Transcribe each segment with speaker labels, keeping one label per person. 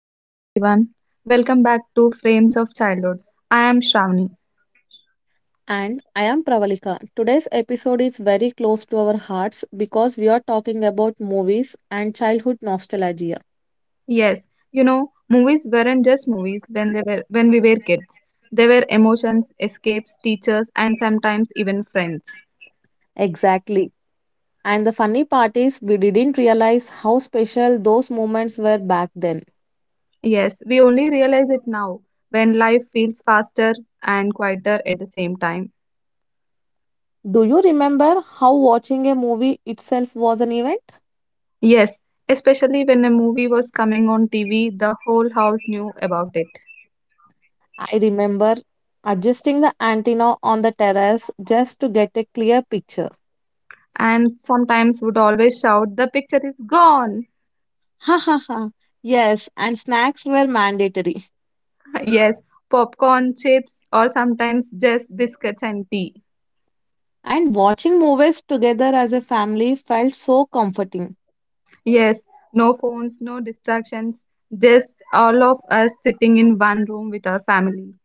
Speaker 1: Hello everyone. Welcome back to Frames of Childhood. I am Shravani.
Speaker 2: And I am Pravalika. Today's episode is very close to our hearts because we are talking about movies and childhood nostalgia.
Speaker 1: Yes, you know, movies weren't just movies when they were when we were kids. They were emotions, escapes, teachers and sometimes even friends.
Speaker 2: Exactly. And the funny part is, we didn't realize how special those moments were back then.
Speaker 1: Yes, we only realize it now when life feels faster and quieter at the same time.
Speaker 2: Do you remember how watching a movie itself was an event?
Speaker 1: Yes, especially when a movie was coming on TV, the whole house knew about it.
Speaker 2: I remember adjusting the antenna on the terrace just to get a clear picture.
Speaker 1: And sometimes would always shout, the picture is gone!
Speaker 2: Ha ha ha. Yes, and snacks were mandatory.
Speaker 1: Yes, popcorn, chips, or sometimes just biscuits and tea.
Speaker 2: And watching movies together as a family felt so comforting.
Speaker 1: Yes, no phones, no distractions, just all of us sitting in one room with our family.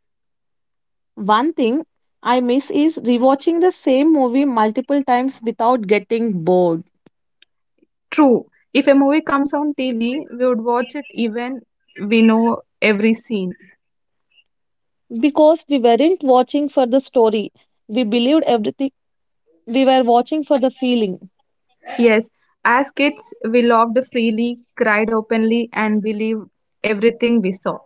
Speaker 2: One thing I miss is rewatching the same movie multiple times without getting bored.
Speaker 1: True, if a movie comes on TV, we would watch it even we know every scene.
Speaker 2: Because we weren't watching for the story, we believed everything, we were watching for the feeling.
Speaker 1: Yes, as kids, we loved freely, cried openly, and believed everything we saw.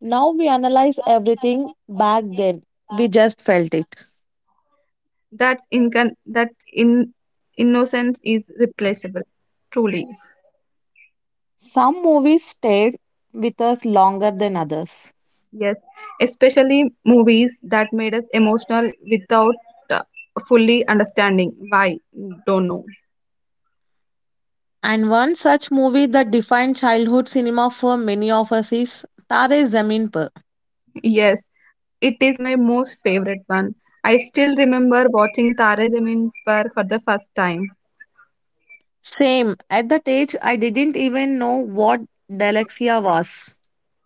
Speaker 2: Now we analyze everything back then, we just felt it.
Speaker 1: That's incon- that in innocence is replaceable, truly.
Speaker 2: Some movies stayed with us longer than others.
Speaker 1: Yes, especially movies that made us emotional without uh, fully understanding why. Don't know.
Speaker 2: And one such movie that defined childhood cinema for many of us is Tare Zameen Par.
Speaker 1: Yes, it is my most favorite one. I still remember watching Tare Zameen Par for the first time.
Speaker 2: Same. At that age, I didn't even know what dyslexia was.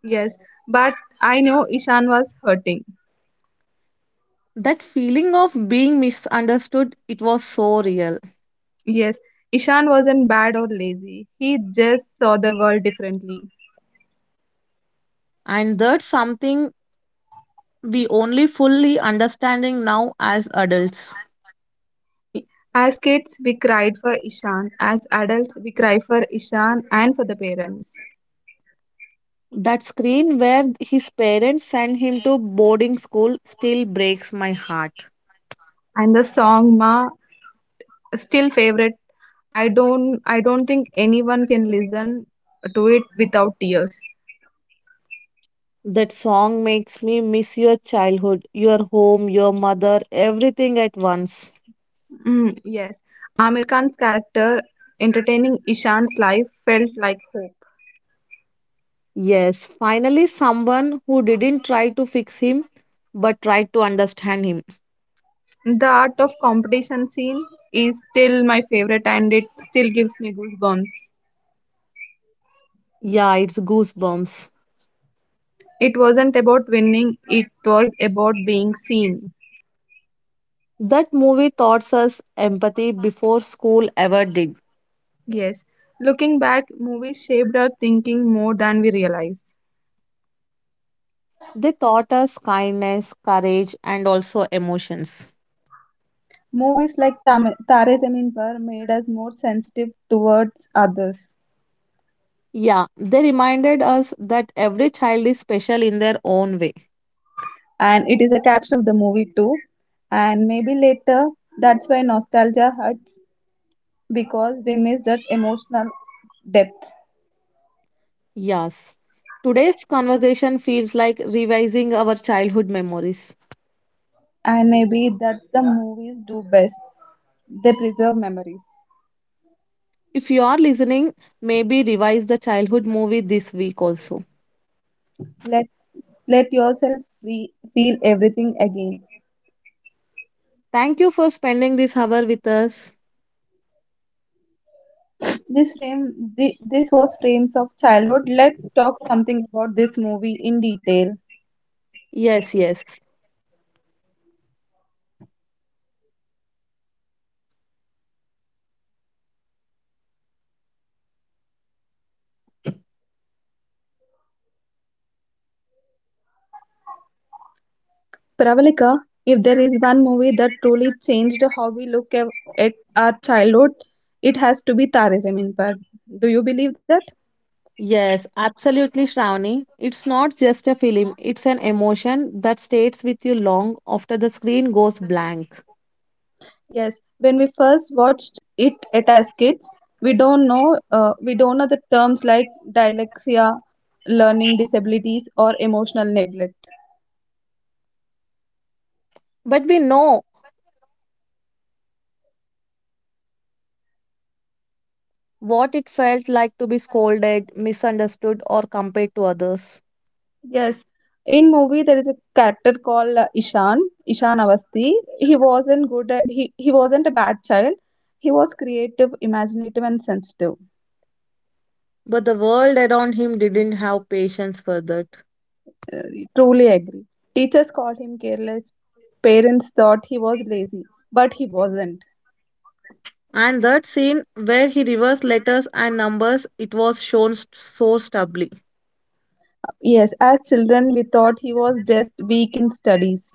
Speaker 1: Yes, but I know Ishan was hurting.
Speaker 2: That feeling of being misunderstood, it was so real.
Speaker 1: Yes, Ishan wasn't bad or lazy. He just saw the world differently.
Speaker 2: And that's something we only fully understanding now as adults.
Speaker 1: As kids, we cried for Ishan. As adults, we cry for Ishan and for the parents.
Speaker 2: That screen where his parents sent him to boarding school still breaks my heart.
Speaker 1: And the song Ma still favorite. I don't think anyone can listen to it without tears.
Speaker 2: That song makes me miss your childhood, your home, your mother, everything at once.
Speaker 1: Mm, yes, Amir Khan's character entertaining Ishan's life felt like hope.
Speaker 2: Yes, finally, someone who didn't try to fix him but tried to understand him.
Speaker 1: The art of competition scene is still my favorite and it still gives me goosebumps.
Speaker 2: Yeah, it's goosebumps.
Speaker 1: It wasn't about winning, it was about being seen.
Speaker 2: That movie taught us empathy before school ever did.
Speaker 1: Yes, looking back, movies shaped our thinking more than we realize.
Speaker 2: They taught us kindness, courage, and also emotions.
Speaker 1: Movies like Tare Zameen Par made us more sensitive towards others,
Speaker 2: Yeah, they reminded us that every child is special in their own way.
Speaker 1: and it is a caption of the movie too. And maybe later, that's why nostalgia hurts because we miss that emotional depth.
Speaker 2: Yes. Today's conversation feels like revising our childhood memories.
Speaker 1: And maybe that's the movies do best; they preserve memories.
Speaker 2: If you are listening, maybe revise the childhood movie this week also.
Speaker 1: Let let yourself free, feel everything again.
Speaker 2: Thank you for spending this hour with us.
Speaker 1: This frame, this was frames of childhood. Let's talk something about this movie in detail.
Speaker 2: Yes, yes,
Speaker 1: Pravalika, if there is one movie that truly changed how we at our childhood, it has to be Tare Zameen Par. Do you believe that?
Speaker 2: yes, absolutely, Shravani. It's not just a film, it's an emotion that stays with you long after the screen goes blank.
Speaker 1: Yes. When we first watched it at as kids, we don't know we don't know the terms like dyslexia, learning disabilities, or emotional neglect.
Speaker 2: But we know what it felt like to be scolded, misunderstood, or compared to others.
Speaker 1: Yes. In movie, there is a character called Ishan Avasti. He wasn't good. At, he wasn't a bad child. He was creative, imaginative, and sensitive.
Speaker 2: But the world around him didn't have patience for that.
Speaker 1: Truly agree. Teachers called him careless. Parents thought he was lazy, but he wasn't.
Speaker 2: And that scene where he reversed letters and numbers, it was shown so stubbornly.
Speaker 1: Yes, as children, we thought he was just weak in studies.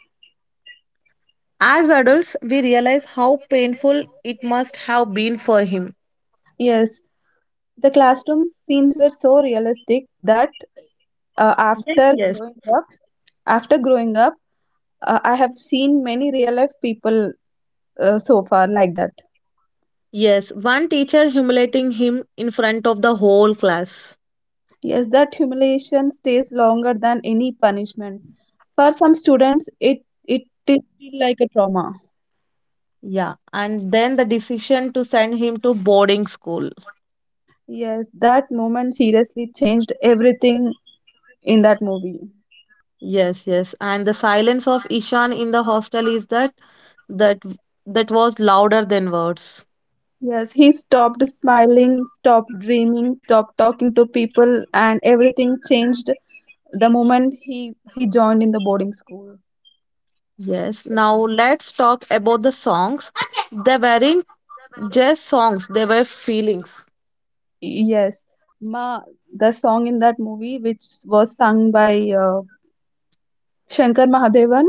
Speaker 2: As adults, we realize how painful it must have been for him.
Speaker 1: Yes, the classroom scenes were so realistic that uh,
Speaker 2: Yes,
Speaker 1: after
Speaker 2: yes.
Speaker 1: growing up, after growing up, I have seen many real life people so far like that.
Speaker 2: Yes, one teacher humiliating him in front of the whole class.
Speaker 1: Yes, that humiliation stays longer than any punishment. For some students, it is still like a trauma.
Speaker 2: Yeah, and then the decision to send him to boarding school.
Speaker 1: Yes, that moment seriously changed everything in that movie.
Speaker 2: Yes, yes, and the silence of Ishan in the hostel is that that was louder than words.
Speaker 1: Yes, he stopped smiling, stopped dreaming, stopped talking to people, and everything changed the moment he joined in the boarding school.
Speaker 2: Yes. Now let's talk about the songs. They weren't just songs; they were feelings.
Speaker 1: Yes, Ma, the song in that movie, which was sung by Shankar Mahadevan,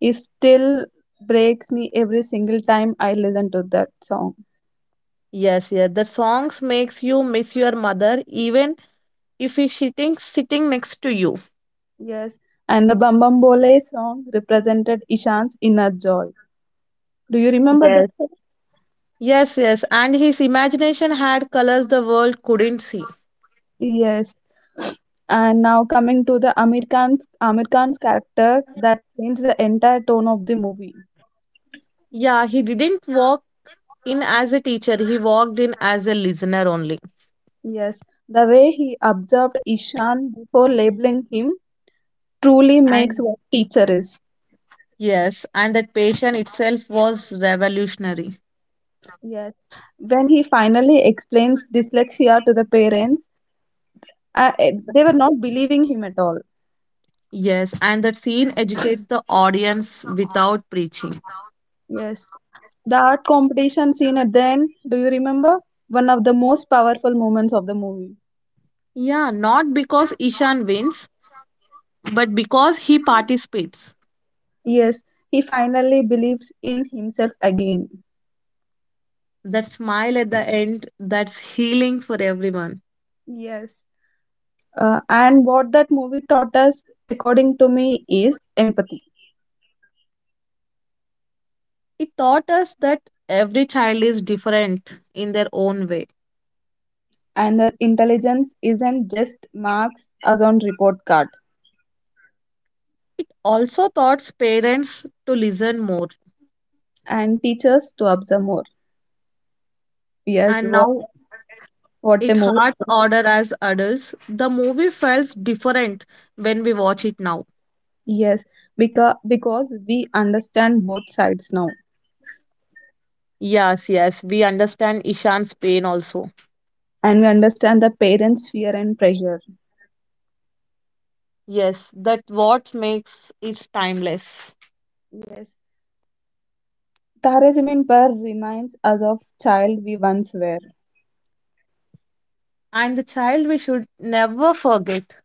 Speaker 1: is still breaks me every single time I listen to that song.
Speaker 2: Yes, yes. The songs makes you miss your mother even if he's sitting next to you.
Speaker 1: Yes, and the Bam Bam Bole song represented Ishan's inner joy. Do you remember that
Speaker 2: Yes.
Speaker 1: film?
Speaker 2: Yes, yes. And his imagination had colors the world couldn't see.
Speaker 1: Yes. And now coming to Amir Khan's character that changed the entire tone of the movie.
Speaker 2: Yeah, he didn't walk in as a teacher, he walked in as a listener only.
Speaker 1: Yes. The way he observed Ishan before labeling him truly makes
Speaker 2: And
Speaker 1: what teacher is.
Speaker 2: yes, and that patient itself was revolutionary.
Speaker 1: Yes. When he finally explains dyslexia to the parents, they were not believing him at all.
Speaker 2: Yes, and that scene educates the audience without preaching.
Speaker 1: Yes. The art competition scene at the end, do you remember? One of the most powerful moments of the movie.
Speaker 2: Yeah, not because Ishan wins, but because he participates.
Speaker 1: Yes, he finally believes in himself again.
Speaker 2: That smile at the end, that's healing for everyone.
Speaker 1: Yes. And what that movie taught us, according to me, is empathy.
Speaker 2: It taught us that every child is different in their own way.
Speaker 1: And that intelligence isn't just marks as on report card
Speaker 2: It also taught parents to listen more.
Speaker 1: and teachers to observe more. Yes,
Speaker 2: And
Speaker 1: what,
Speaker 2: now
Speaker 1: what a
Speaker 2: it
Speaker 1: movie.
Speaker 2: hearts order as adults. The movie feels different when we watch it now.
Speaker 1: Yes, because we understand both sides now
Speaker 2: Yes, yes, we understand Ishan's pain also.
Speaker 1: and we understand the parents' fear and pressure.
Speaker 2: Yes, that what makes it timeless.
Speaker 1: Yes, Tare Zameen Par reminds us of child we once were.
Speaker 2: And the child we should never forget.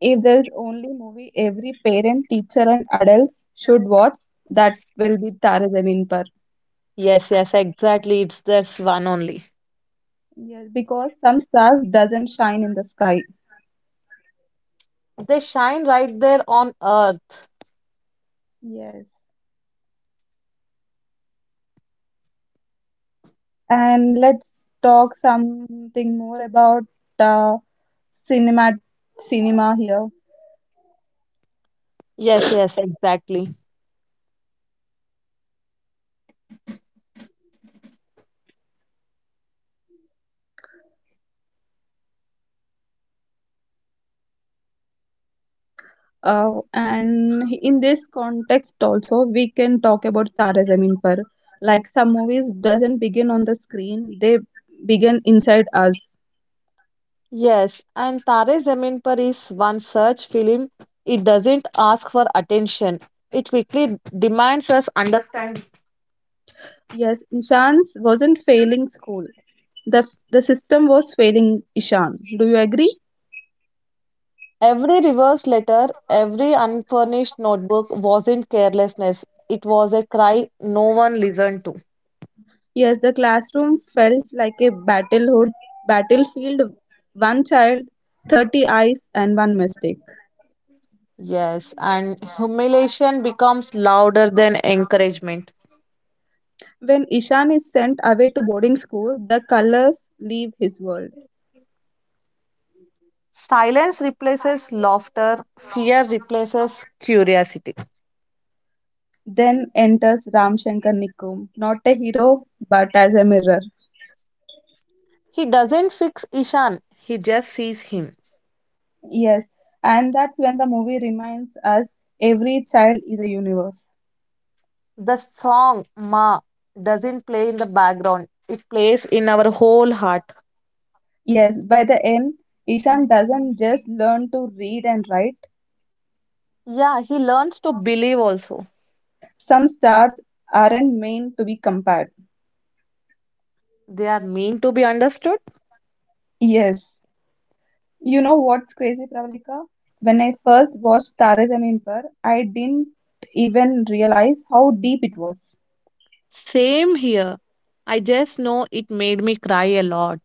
Speaker 1: If there is only movie every parent, teacher, and adults should watch, that will be Tare Zameen Par.
Speaker 2: Yes, yes, exactly. It's this one only.
Speaker 1: Yes, because some stars doesn't shine in the sky.
Speaker 2: They shine right there on Earth.
Speaker 1: Yes, and let's talk something more about uh, cinema cinema here.
Speaker 2: Yes, yes, exactly.
Speaker 1: And in this context also, we can talk about Tare Zameen Par. Like some movies doesn't begin on the screen; they begin inside us.
Speaker 2: Yes, and Tare Zameen Par is one such film. It doesn't ask for attention. It quickly demands us understand.
Speaker 1: Yes, Nishant wasn't failing school. The system was failing Ishan. Do you agree?
Speaker 2: Every reverse letter, every unfurnished notebook wasn't carelessness. It was a cry no one listened to.
Speaker 1: Yes, the classroom felt like a battlefield, one child, 30 eyes, and one mistake.
Speaker 2: Yes, and humiliation becomes louder than encouragement.
Speaker 1: When Ishan is sent away to boarding school, the colors leave his world.
Speaker 2: Silence replaces laughter, fear replaces curiosity.
Speaker 1: Then enters Ram Shankar Nikum, not a hero, but as a mirror.
Speaker 2: He doesn't fix Ishan, he just sees him.
Speaker 1: Yes, and that's when the movie reminds us every child is a universe.
Speaker 2: The song Ma doesn't play in the background, it plays in our whole heart.
Speaker 1: Yes, by the end, Ishan doesn't just learn to read and write.
Speaker 2: Yeah, he learns to believe also.
Speaker 1: Some stars aren't meant to be compared.
Speaker 2: They are meant to be understood.
Speaker 1: Yes. You know what's crazy, Pravalika? When I first watched Tare Zameen Par, I didn't even realize how deep it was.
Speaker 2: Same here. I just know it made me cry a lot.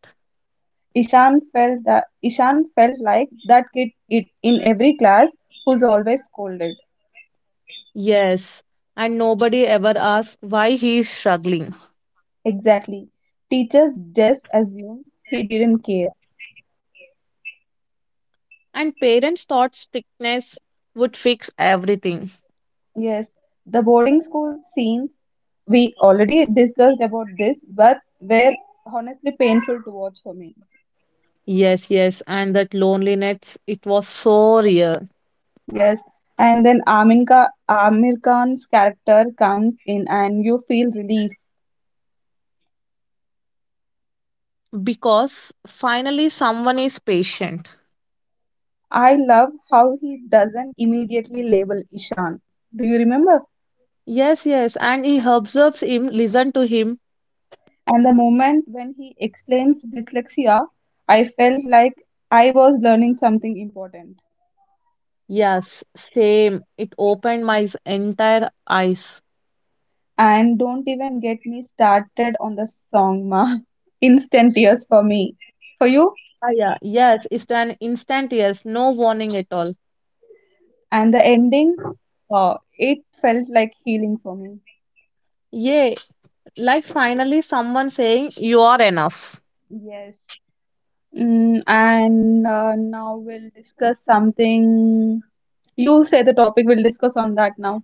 Speaker 1: Ishan felt like that kid it in every class who's always scolded.
Speaker 2: Yes, and nobody ever asks why he is struggling.
Speaker 1: Exactly. Teachers just assumed he didn't care.
Speaker 2: And parents thought strictness would fix everything.
Speaker 1: Yes, the boarding school scenes we already discussed about this, but were honestly painful to watch for me.
Speaker 2: Yes, yes, and that loneliness, it was so real.
Speaker 1: Yes, and then Amin Ka Amir Khan's character comes in, and you feel relief.
Speaker 2: Because finally someone is patient.
Speaker 1: I love how he doesn't immediately label Ishan. Do you remember?
Speaker 2: Yes, yes, and he observes him, listen to him.
Speaker 1: And the moment when he explains dyslexia, I felt like I was learning something important.
Speaker 2: Yes, same. It opened my entire eyes.
Speaker 1: And don't even get me started on the song, ma. Instant tears for me, for you.
Speaker 2: Ah, yeah, yes, it's an instant yes, no warning at all.
Speaker 1: And the ending, it felt like healing for me.
Speaker 2: Yeah, like finally someone saying you are enough.
Speaker 1: Yes. Mm, and Now we'll discuss something. You say the topic. We'll discuss on that now.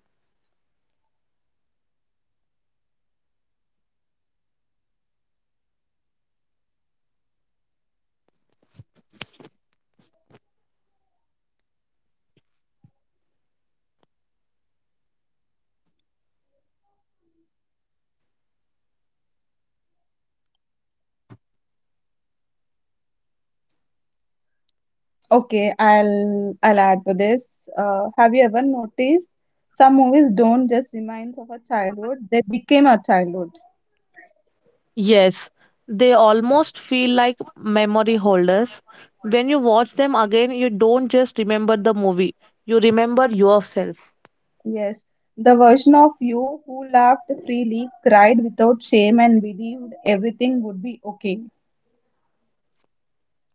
Speaker 1: Okay, I'll add to this. Have you ever noticed some movies don't just remind of a childhood; they became a childhood.
Speaker 2: Yes, they almost feel like memory holders. When you watch them again, you don't just remember the movie, you remember yourself.
Speaker 1: Yes, the version of you who laughed freely, cried without shame, and believed everything would be okay.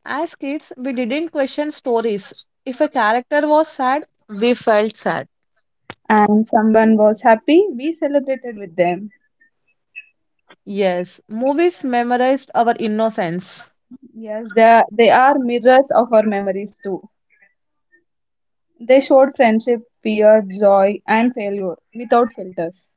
Speaker 2: As kids, we didn't question stories. If a character was sad, we felt sad.
Speaker 1: And someone was happy. We celebrated with them.
Speaker 2: Yes. Movies memorized our innocence.
Speaker 1: Yes, they are mirrors of our memories too. They showed friendship, fear, joy, and failure without filters.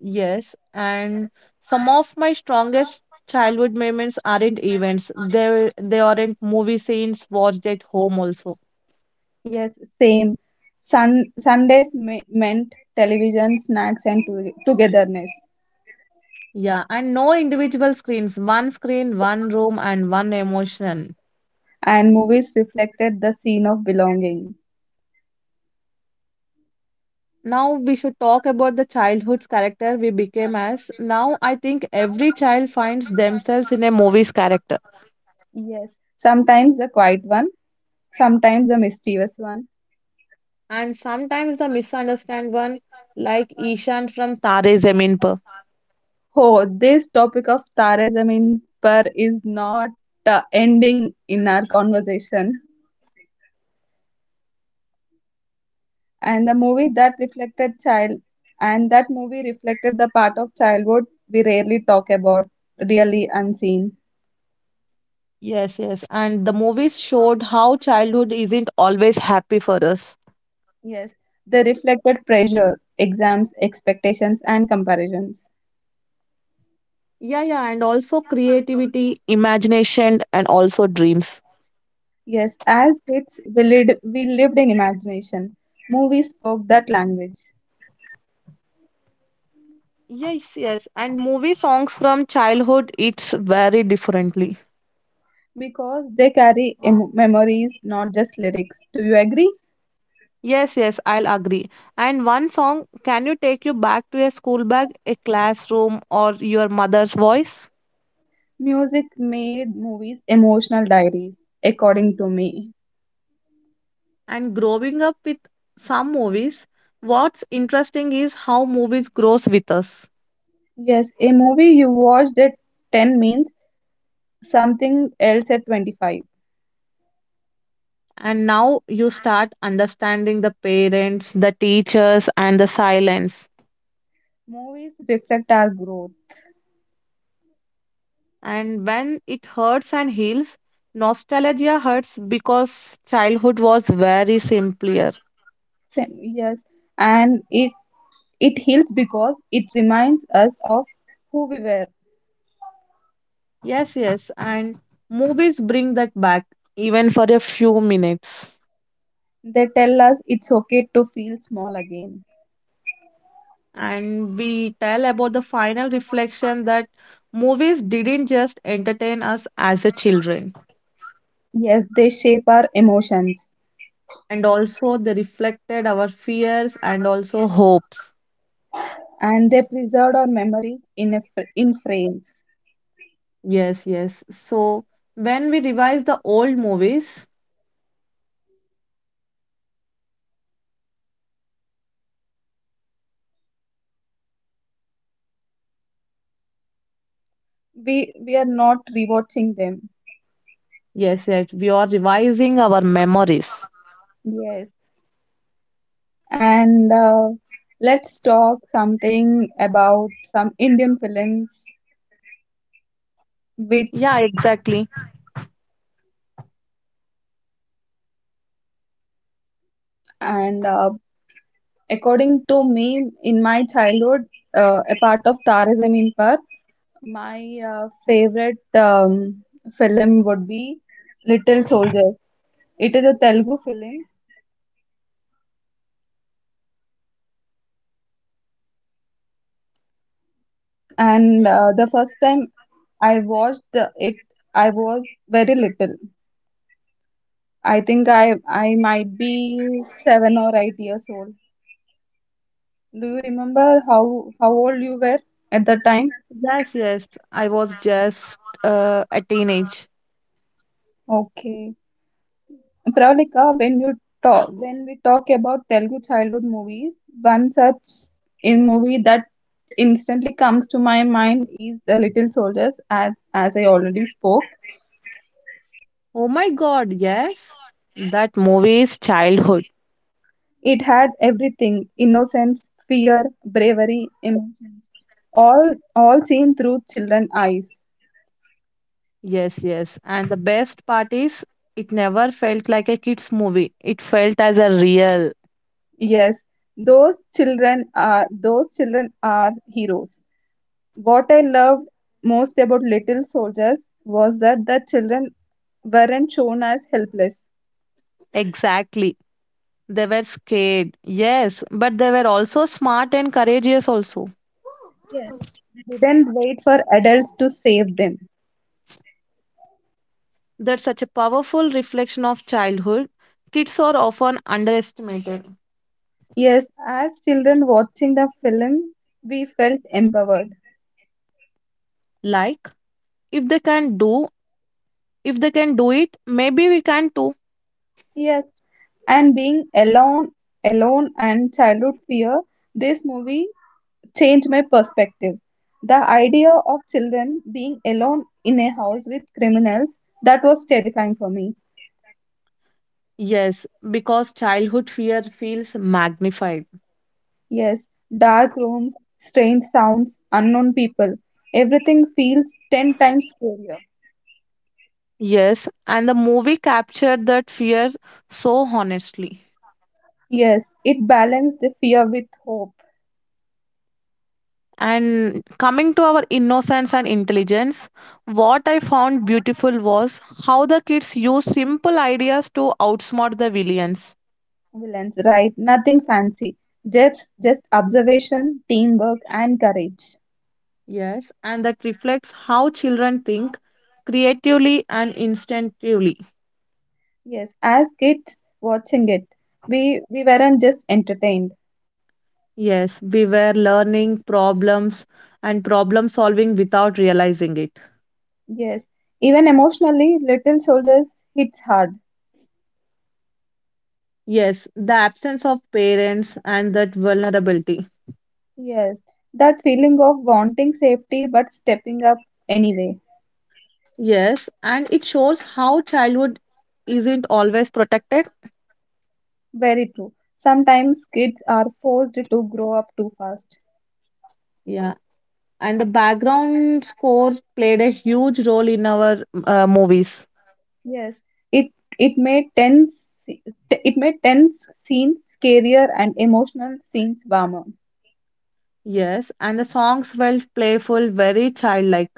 Speaker 2: Yes. And some of my strongest childhood memories aren't events. They aren't movie scenes watched at home also.
Speaker 1: Yes, same. Sundays meant television, snacks, and togetherness,
Speaker 2: Yeah, and no individual screens. One screen, one room, and one emotion.
Speaker 1: and movies reflected the scene of belonging.
Speaker 2: Now we should talk about the childhood's character we became as. Now I think every child finds themselves in a movie's character.
Speaker 1: Yes, sometimes the quiet one, sometimes the mischievous one.
Speaker 2: And sometimes the misunderstand one, like Ishan from Tare Zameen Par.
Speaker 1: Oh, this topic of Tare Zameen Par is not ending in our conversation. And the movie that reflected child, and that movie reflected the part of childhood we rarely talk about, really unseen.
Speaker 2: Yes, yes. And the movies showed how childhood isn't always happy for us.
Speaker 1: Yes, they reflected pressure, exams, expectations and comparisons.
Speaker 2: Yeah, yeah, and also creativity, imagination, and also dreams.
Speaker 1: Yes, as kids we lived in imagination. Movies spoke that language
Speaker 2: Yes, yes. And movie songs from childhood, it's very differently.
Speaker 1: because they carry memories, not just lyrics. Do you agree?
Speaker 2: Yes, yes, I'll agree. And one song, can you take you back to a school bag, a classroom, or your mother's voice?
Speaker 1: Music made movies emotional diaries according to me.
Speaker 2: And growing up with some movies, what's interesting is how movies grows with us.
Speaker 1: Yes, a movie you watched at 10 means something else at 25.
Speaker 2: And now you start understanding the parents, the teachers, and the silence.
Speaker 1: Movies reflect our growth.
Speaker 2: And when it hurts and heals, nostalgia hurts because childhood was very simpler.
Speaker 1: Yes, and it heals because it reminds us of who we were.
Speaker 2: Yes, yes, and movies bring that back even for a few minutes.
Speaker 1: They tell us it's okay to feel small again.
Speaker 2: And we tell about the final reflection that movies didn't just entertain us as a children,
Speaker 1: Yes, they shape our emotions
Speaker 2: and also they reflected our fears and also hopes.
Speaker 1: and they preserve our memories in a fr- in frames.
Speaker 2: Yes, yes. So when we revise the old movies,
Speaker 1: We are not rewatching them.
Speaker 2: yes, yes, we are revising our memories.
Speaker 1: Yes. And let's talk something about some Indian films, which.
Speaker 2: Yeah, exactly.
Speaker 1: And according to me, in my childhood, a part of Tare Zameen Par, my favorite film would be Little Soldiers. It is a Telugu film, and the first time I watched it, I was very little. I think I might be 7 or 8 years old. Do you remember how old you were at the time?
Speaker 2: Yes, yes, I was just a teenage.
Speaker 1: Okay. Pravalika, when you talk when we talk about Telugu childhood movies, one such in movie that instantly comes to my mind is The Little Soldiers, as I already spoke.
Speaker 2: Oh my god, yes, that movie is childhood.
Speaker 1: It had everything: innocence, fear, bravery, emotions. All seen through children eyes.
Speaker 2: Yes, yes. And the best part is, it never felt like a kids' movie. It felt as a real.
Speaker 1: Yes, those children are heroes. What I loved most about Little Soldiers was that the children weren't shown as helpless.
Speaker 2: Exactly. They were scared, yes, but they were also smart and courageous, also.
Speaker 1: Yes, they didn't wait for adults to save them.
Speaker 2: That's such a powerful reflection of childhood. Kids are often underestimated.
Speaker 1: Yes, as children watching the film, we felt empowered.
Speaker 2: Like, if they can do, if they can do it, maybe we can too.
Speaker 1: Yes, and being alone, alone and childhood fear, this movie changed my perspective. The idea of children being alone in a house with criminals, that was terrifying for me.
Speaker 2: Yes, because childhood fear feels magnified.
Speaker 1: Yes, dark rooms, strange sounds, unknown people. Everything feels 10 times scarier.
Speaker 2: Yes, and the movie captured that fear so honestly.
Speaker 1: Yes, it balanced the fear with hope.
Speaker 2: And coming to our innocence and intelligence, what I found beautiful was how the kids use simple ideas to outsmart the villains.
Speaker 1: Villains, right? Nothing fancy. Just observation, teamwork, and courage.
Speaker 2: Yes, and that reflects how children think creatively and instinctively.
Speaker 1: Yes, as kids watching it, we weren't just entertained.
Speaker 2: Yes, beware learning problems and problem solving without realizing it.
Speaker 1: Yes, even emotionally, Little Soldiers hits hard.
Speaker 2: Yes, the absence of parents and that vulnerability.
Speaker 1: Yes, that feeling of wanting safety but stepping up anyway.
Speaker 2: Yes, and it shows how childhood isn't always protected.
Speaker 1: Very true. Sometimes kids are forced to grow up too fast.
Speaker 2: Yeah, and the background score played a huge role in our movies.
Speaker 1: Yes, it it made tense it made tense scenes scarier and emotional scenes warmer.
Speaker 2: Yes, and the songs felt playful, very childlike.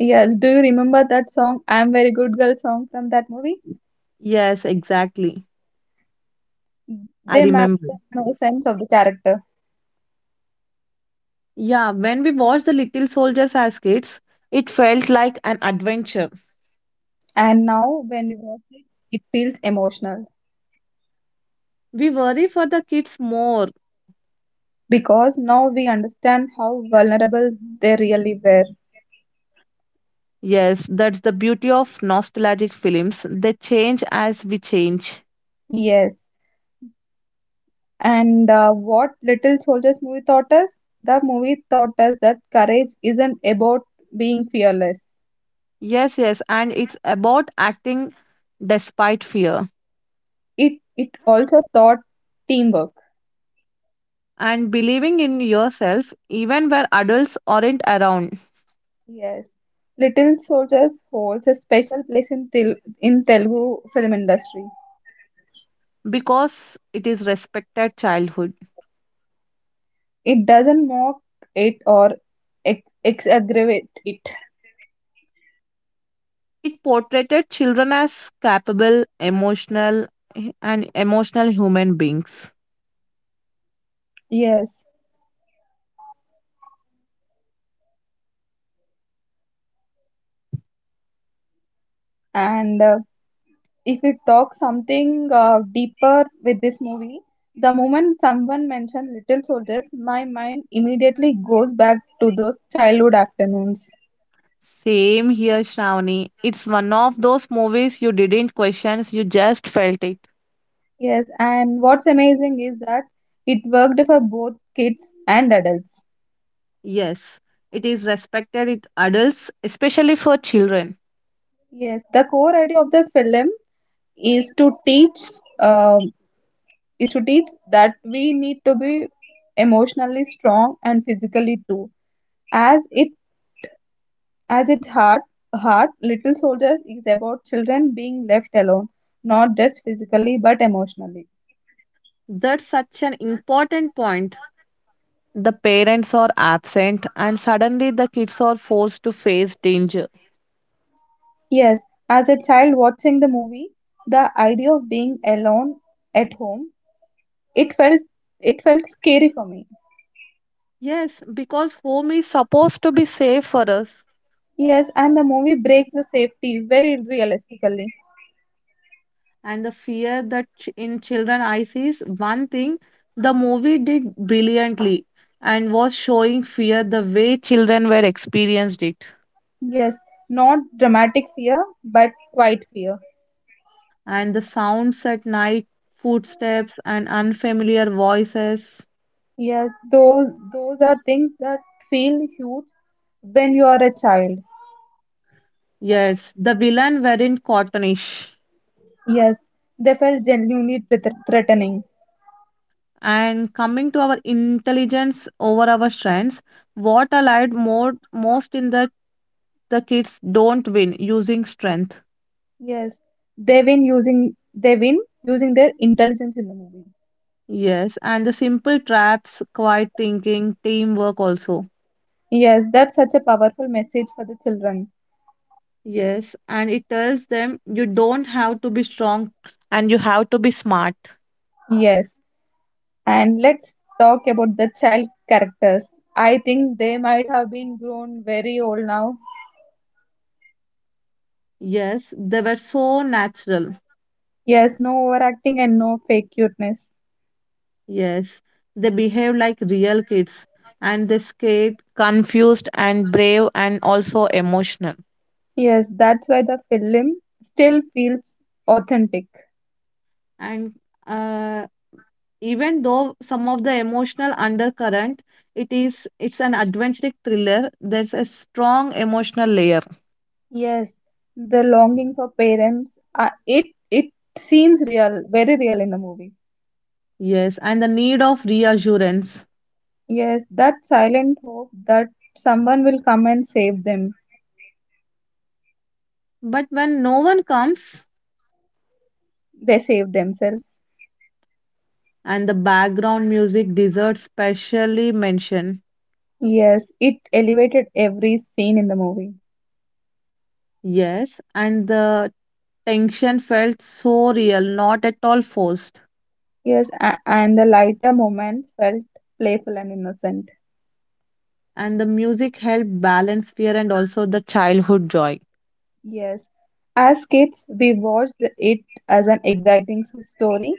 Speaker 1: Yes, do you remember that song I am very good girl song from that movie?
Speaker 2: Yes, exactly. I
Speaker 1: They mapped
Speaker 2: remember.
Speaker 1: no sense of the character.
Speaker 2: Yeah, when we watched The Little Soldiers as kids, it felt like an adventure.
Speaker 1: And now when we watch it, it feels emotional
Speaker 2: We worry for the kids more.
Speaker 1: because now we understand how vulnerable they really were.
Speaker 2: Yes, that's the beauty of nostalgic films. They change as we change.
Speaker 1: Yes. And what Little Soldiers movie taught us? The movie taught us that courage isn't about being fearless.
Speaker 2: Yes, yes, and it's about acting despite fear
Speaker 1: It also taught teamwork.
Speaker 2: and believing in yourself even where adults aren't around.
Speaker 1: Yes. Little Soldiers holds a special place in Telugu film industry.
Speaker 2: Because it is respected childhood.
Speaker 1: It doesn't mock it or exaggerate it.
Speaker 2: It portrayed children as capable, emotional, and emotional human beings.
Speaker 1: Yes. And if we talk something deeper with this movie, the moment someone mentioned Little Soldiers, my mind immediately goes back to those childhood afternoons.
Speaker 2: Same here, Shravani. It's one of those movies you didn't question, you just felt it.
Speaker 1: Yes, and what's amazing is that it worked for both kids and adults.
Speaker 2: Yes, it is respected in adults, especially for children.
Speaker 1: Yes, the core idea of the film is to teach um, is to teach that we need to be emotionally strong and physically too, as it At its heart, Little Soldiers is about children being left alone, not just physically but emotionally.
Speaker 2: That's such an important point, the parents are absent and suddenly the kids are forced to face danger.
Speaker 1: Yes, as a child watching the movie, the idea of being alone at home, it felt it felt scary for me.
Speaker 2: Yes, because home is supposed to be safe for us.
Speaker 1: Yes, and the movie breaks the safety very realistically.
Speaker 2: And the fear that in children eyes is one thing the movie did brilliantly and was showing fear the way children were experienced it.
Speaker 1: Yes, not dramatic fear, but quiet fear.
Speaker 2: And the sounds at night, footsteps and unfamiliar voices.
Speaker 1: Yes, those are things that feel huge when you are a child.
Speaker 2: Yes, the villain weren't cottonish.
Speaker 1: Yes, they felt genuinely threatening.
Speaker 2: And coming to our intelligence over our strengths, what allied more most in that the kids don't win using strength.
Speaker 1: Yes, they win using their intelligence in the movie.
Speaker 2: Yes, and the simple traps, quiet thinking, teamwork also.
Speaker 1: Yes, that's such a powerful message for the children.
Speaker 2: Yes, and it tells them you don't have to be strong and you have to be smart.
Speaker 1: Yes, and let's talk about the child characters. I think they might have been grown very old now.
Speaker 2: Yes, they were so natural.
Speaker 1: Yes, no overacting and no fake cuteness.
Speaker 2: Yes, they behave like real kids and they scared, confused, and brave, and also emotional.
Speaker 1: Yes, that's why the film still feels authentic.
Speaker 2: And uh, even though some of the emotional undercurrent, it is it's an adventurous thriller, there's a strong emotional layer.
Speaker 1: Yes, the longing for parents, it seems real, very real in the movie.
Speaker 2: Yes, and the need of reassurance,
Speaker 1: Yes, that silent hope that someone will come and save them.
Speaker 2: but when no one comes.
Speaker 1: They save themselves.
Speaker 2: And the background music deserves specially mention.
Speaker 1: Yes, it elevated every scene in the movie.
Speaker 2: Yes, and the tension felt so real, not at all forced.
Speaker 1: Yes, and the lighter moments felt playful and innocent.
Speaker 2: And the music helped balance fear and also the childhood joy.
Speaker 1: Yes, as kids, we watched it as an exciting story.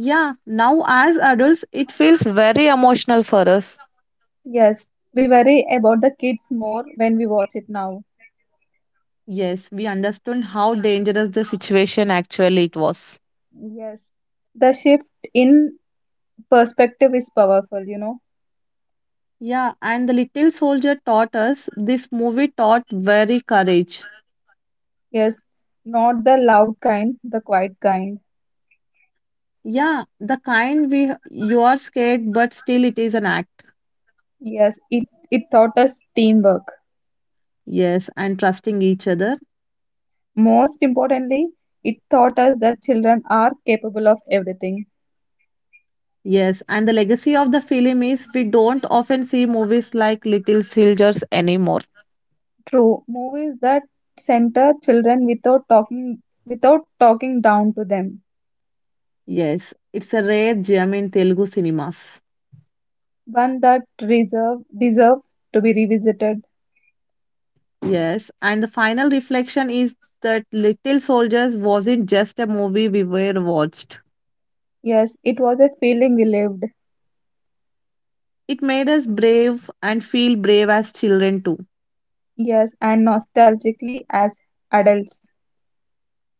Speaker 2: Yeah, now as adults it feels very emotional for us.
Speaker 1: Yes, we worry about the kids more when we watch it now.
Speaker 2: Yes, we understood how dangerous the situation actually it was.
Speaker 1: Yes, the shift in perspective is powerful, you know.
Speaker 2: Yeah, and the little soldier taught us this movie taught very courage.
Speaker 1: Yes, not the loud kind, the quiet kind.
Speaker 2: Yeah, the kind we you are scared, but still it is an act.
Speaker 1: Yes, it taught us teamwork.
Speaker 2: Yes, and trusting each other.
Speaker 1: Most importantly, it taught us that children are capable of everything.
Speaker 2: Yes, and the legacy of the film is we don't often see movies like Little Soldiers anymore.
Speaker 1: True, movies that center children without talking down to them.
Speaker 2: Yes, it's a rare gem in Telugu cinemas.
Speaker 1: One that reserve deserve to be revisited.
Speaker 2: Yes, and the final reflection is that Little Soldiers wasn't just a movie we were watched.
Speaker 1: Yes, it was a feeling we lived.
Speaker 2: It made us brave and feel brave as children too.
Speaker 1: Yes, and nostalgically as adults.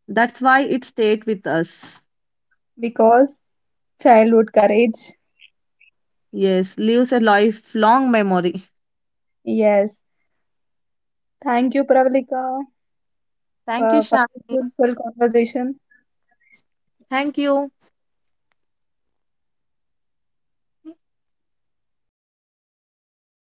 Speaker 2: That's why it stayed with us.
Speaker 1: Because childhood courage.
Speaker 2: Yes, lives a lifelong memory.
Speaker 1: Yes. Thank you, Pravalika,
Speaker 2: Thank you,
Speaker 1: for this
Speaker 2: Shami.
Speaker 1: beautiful conversation.
Speaker 2: Thank you.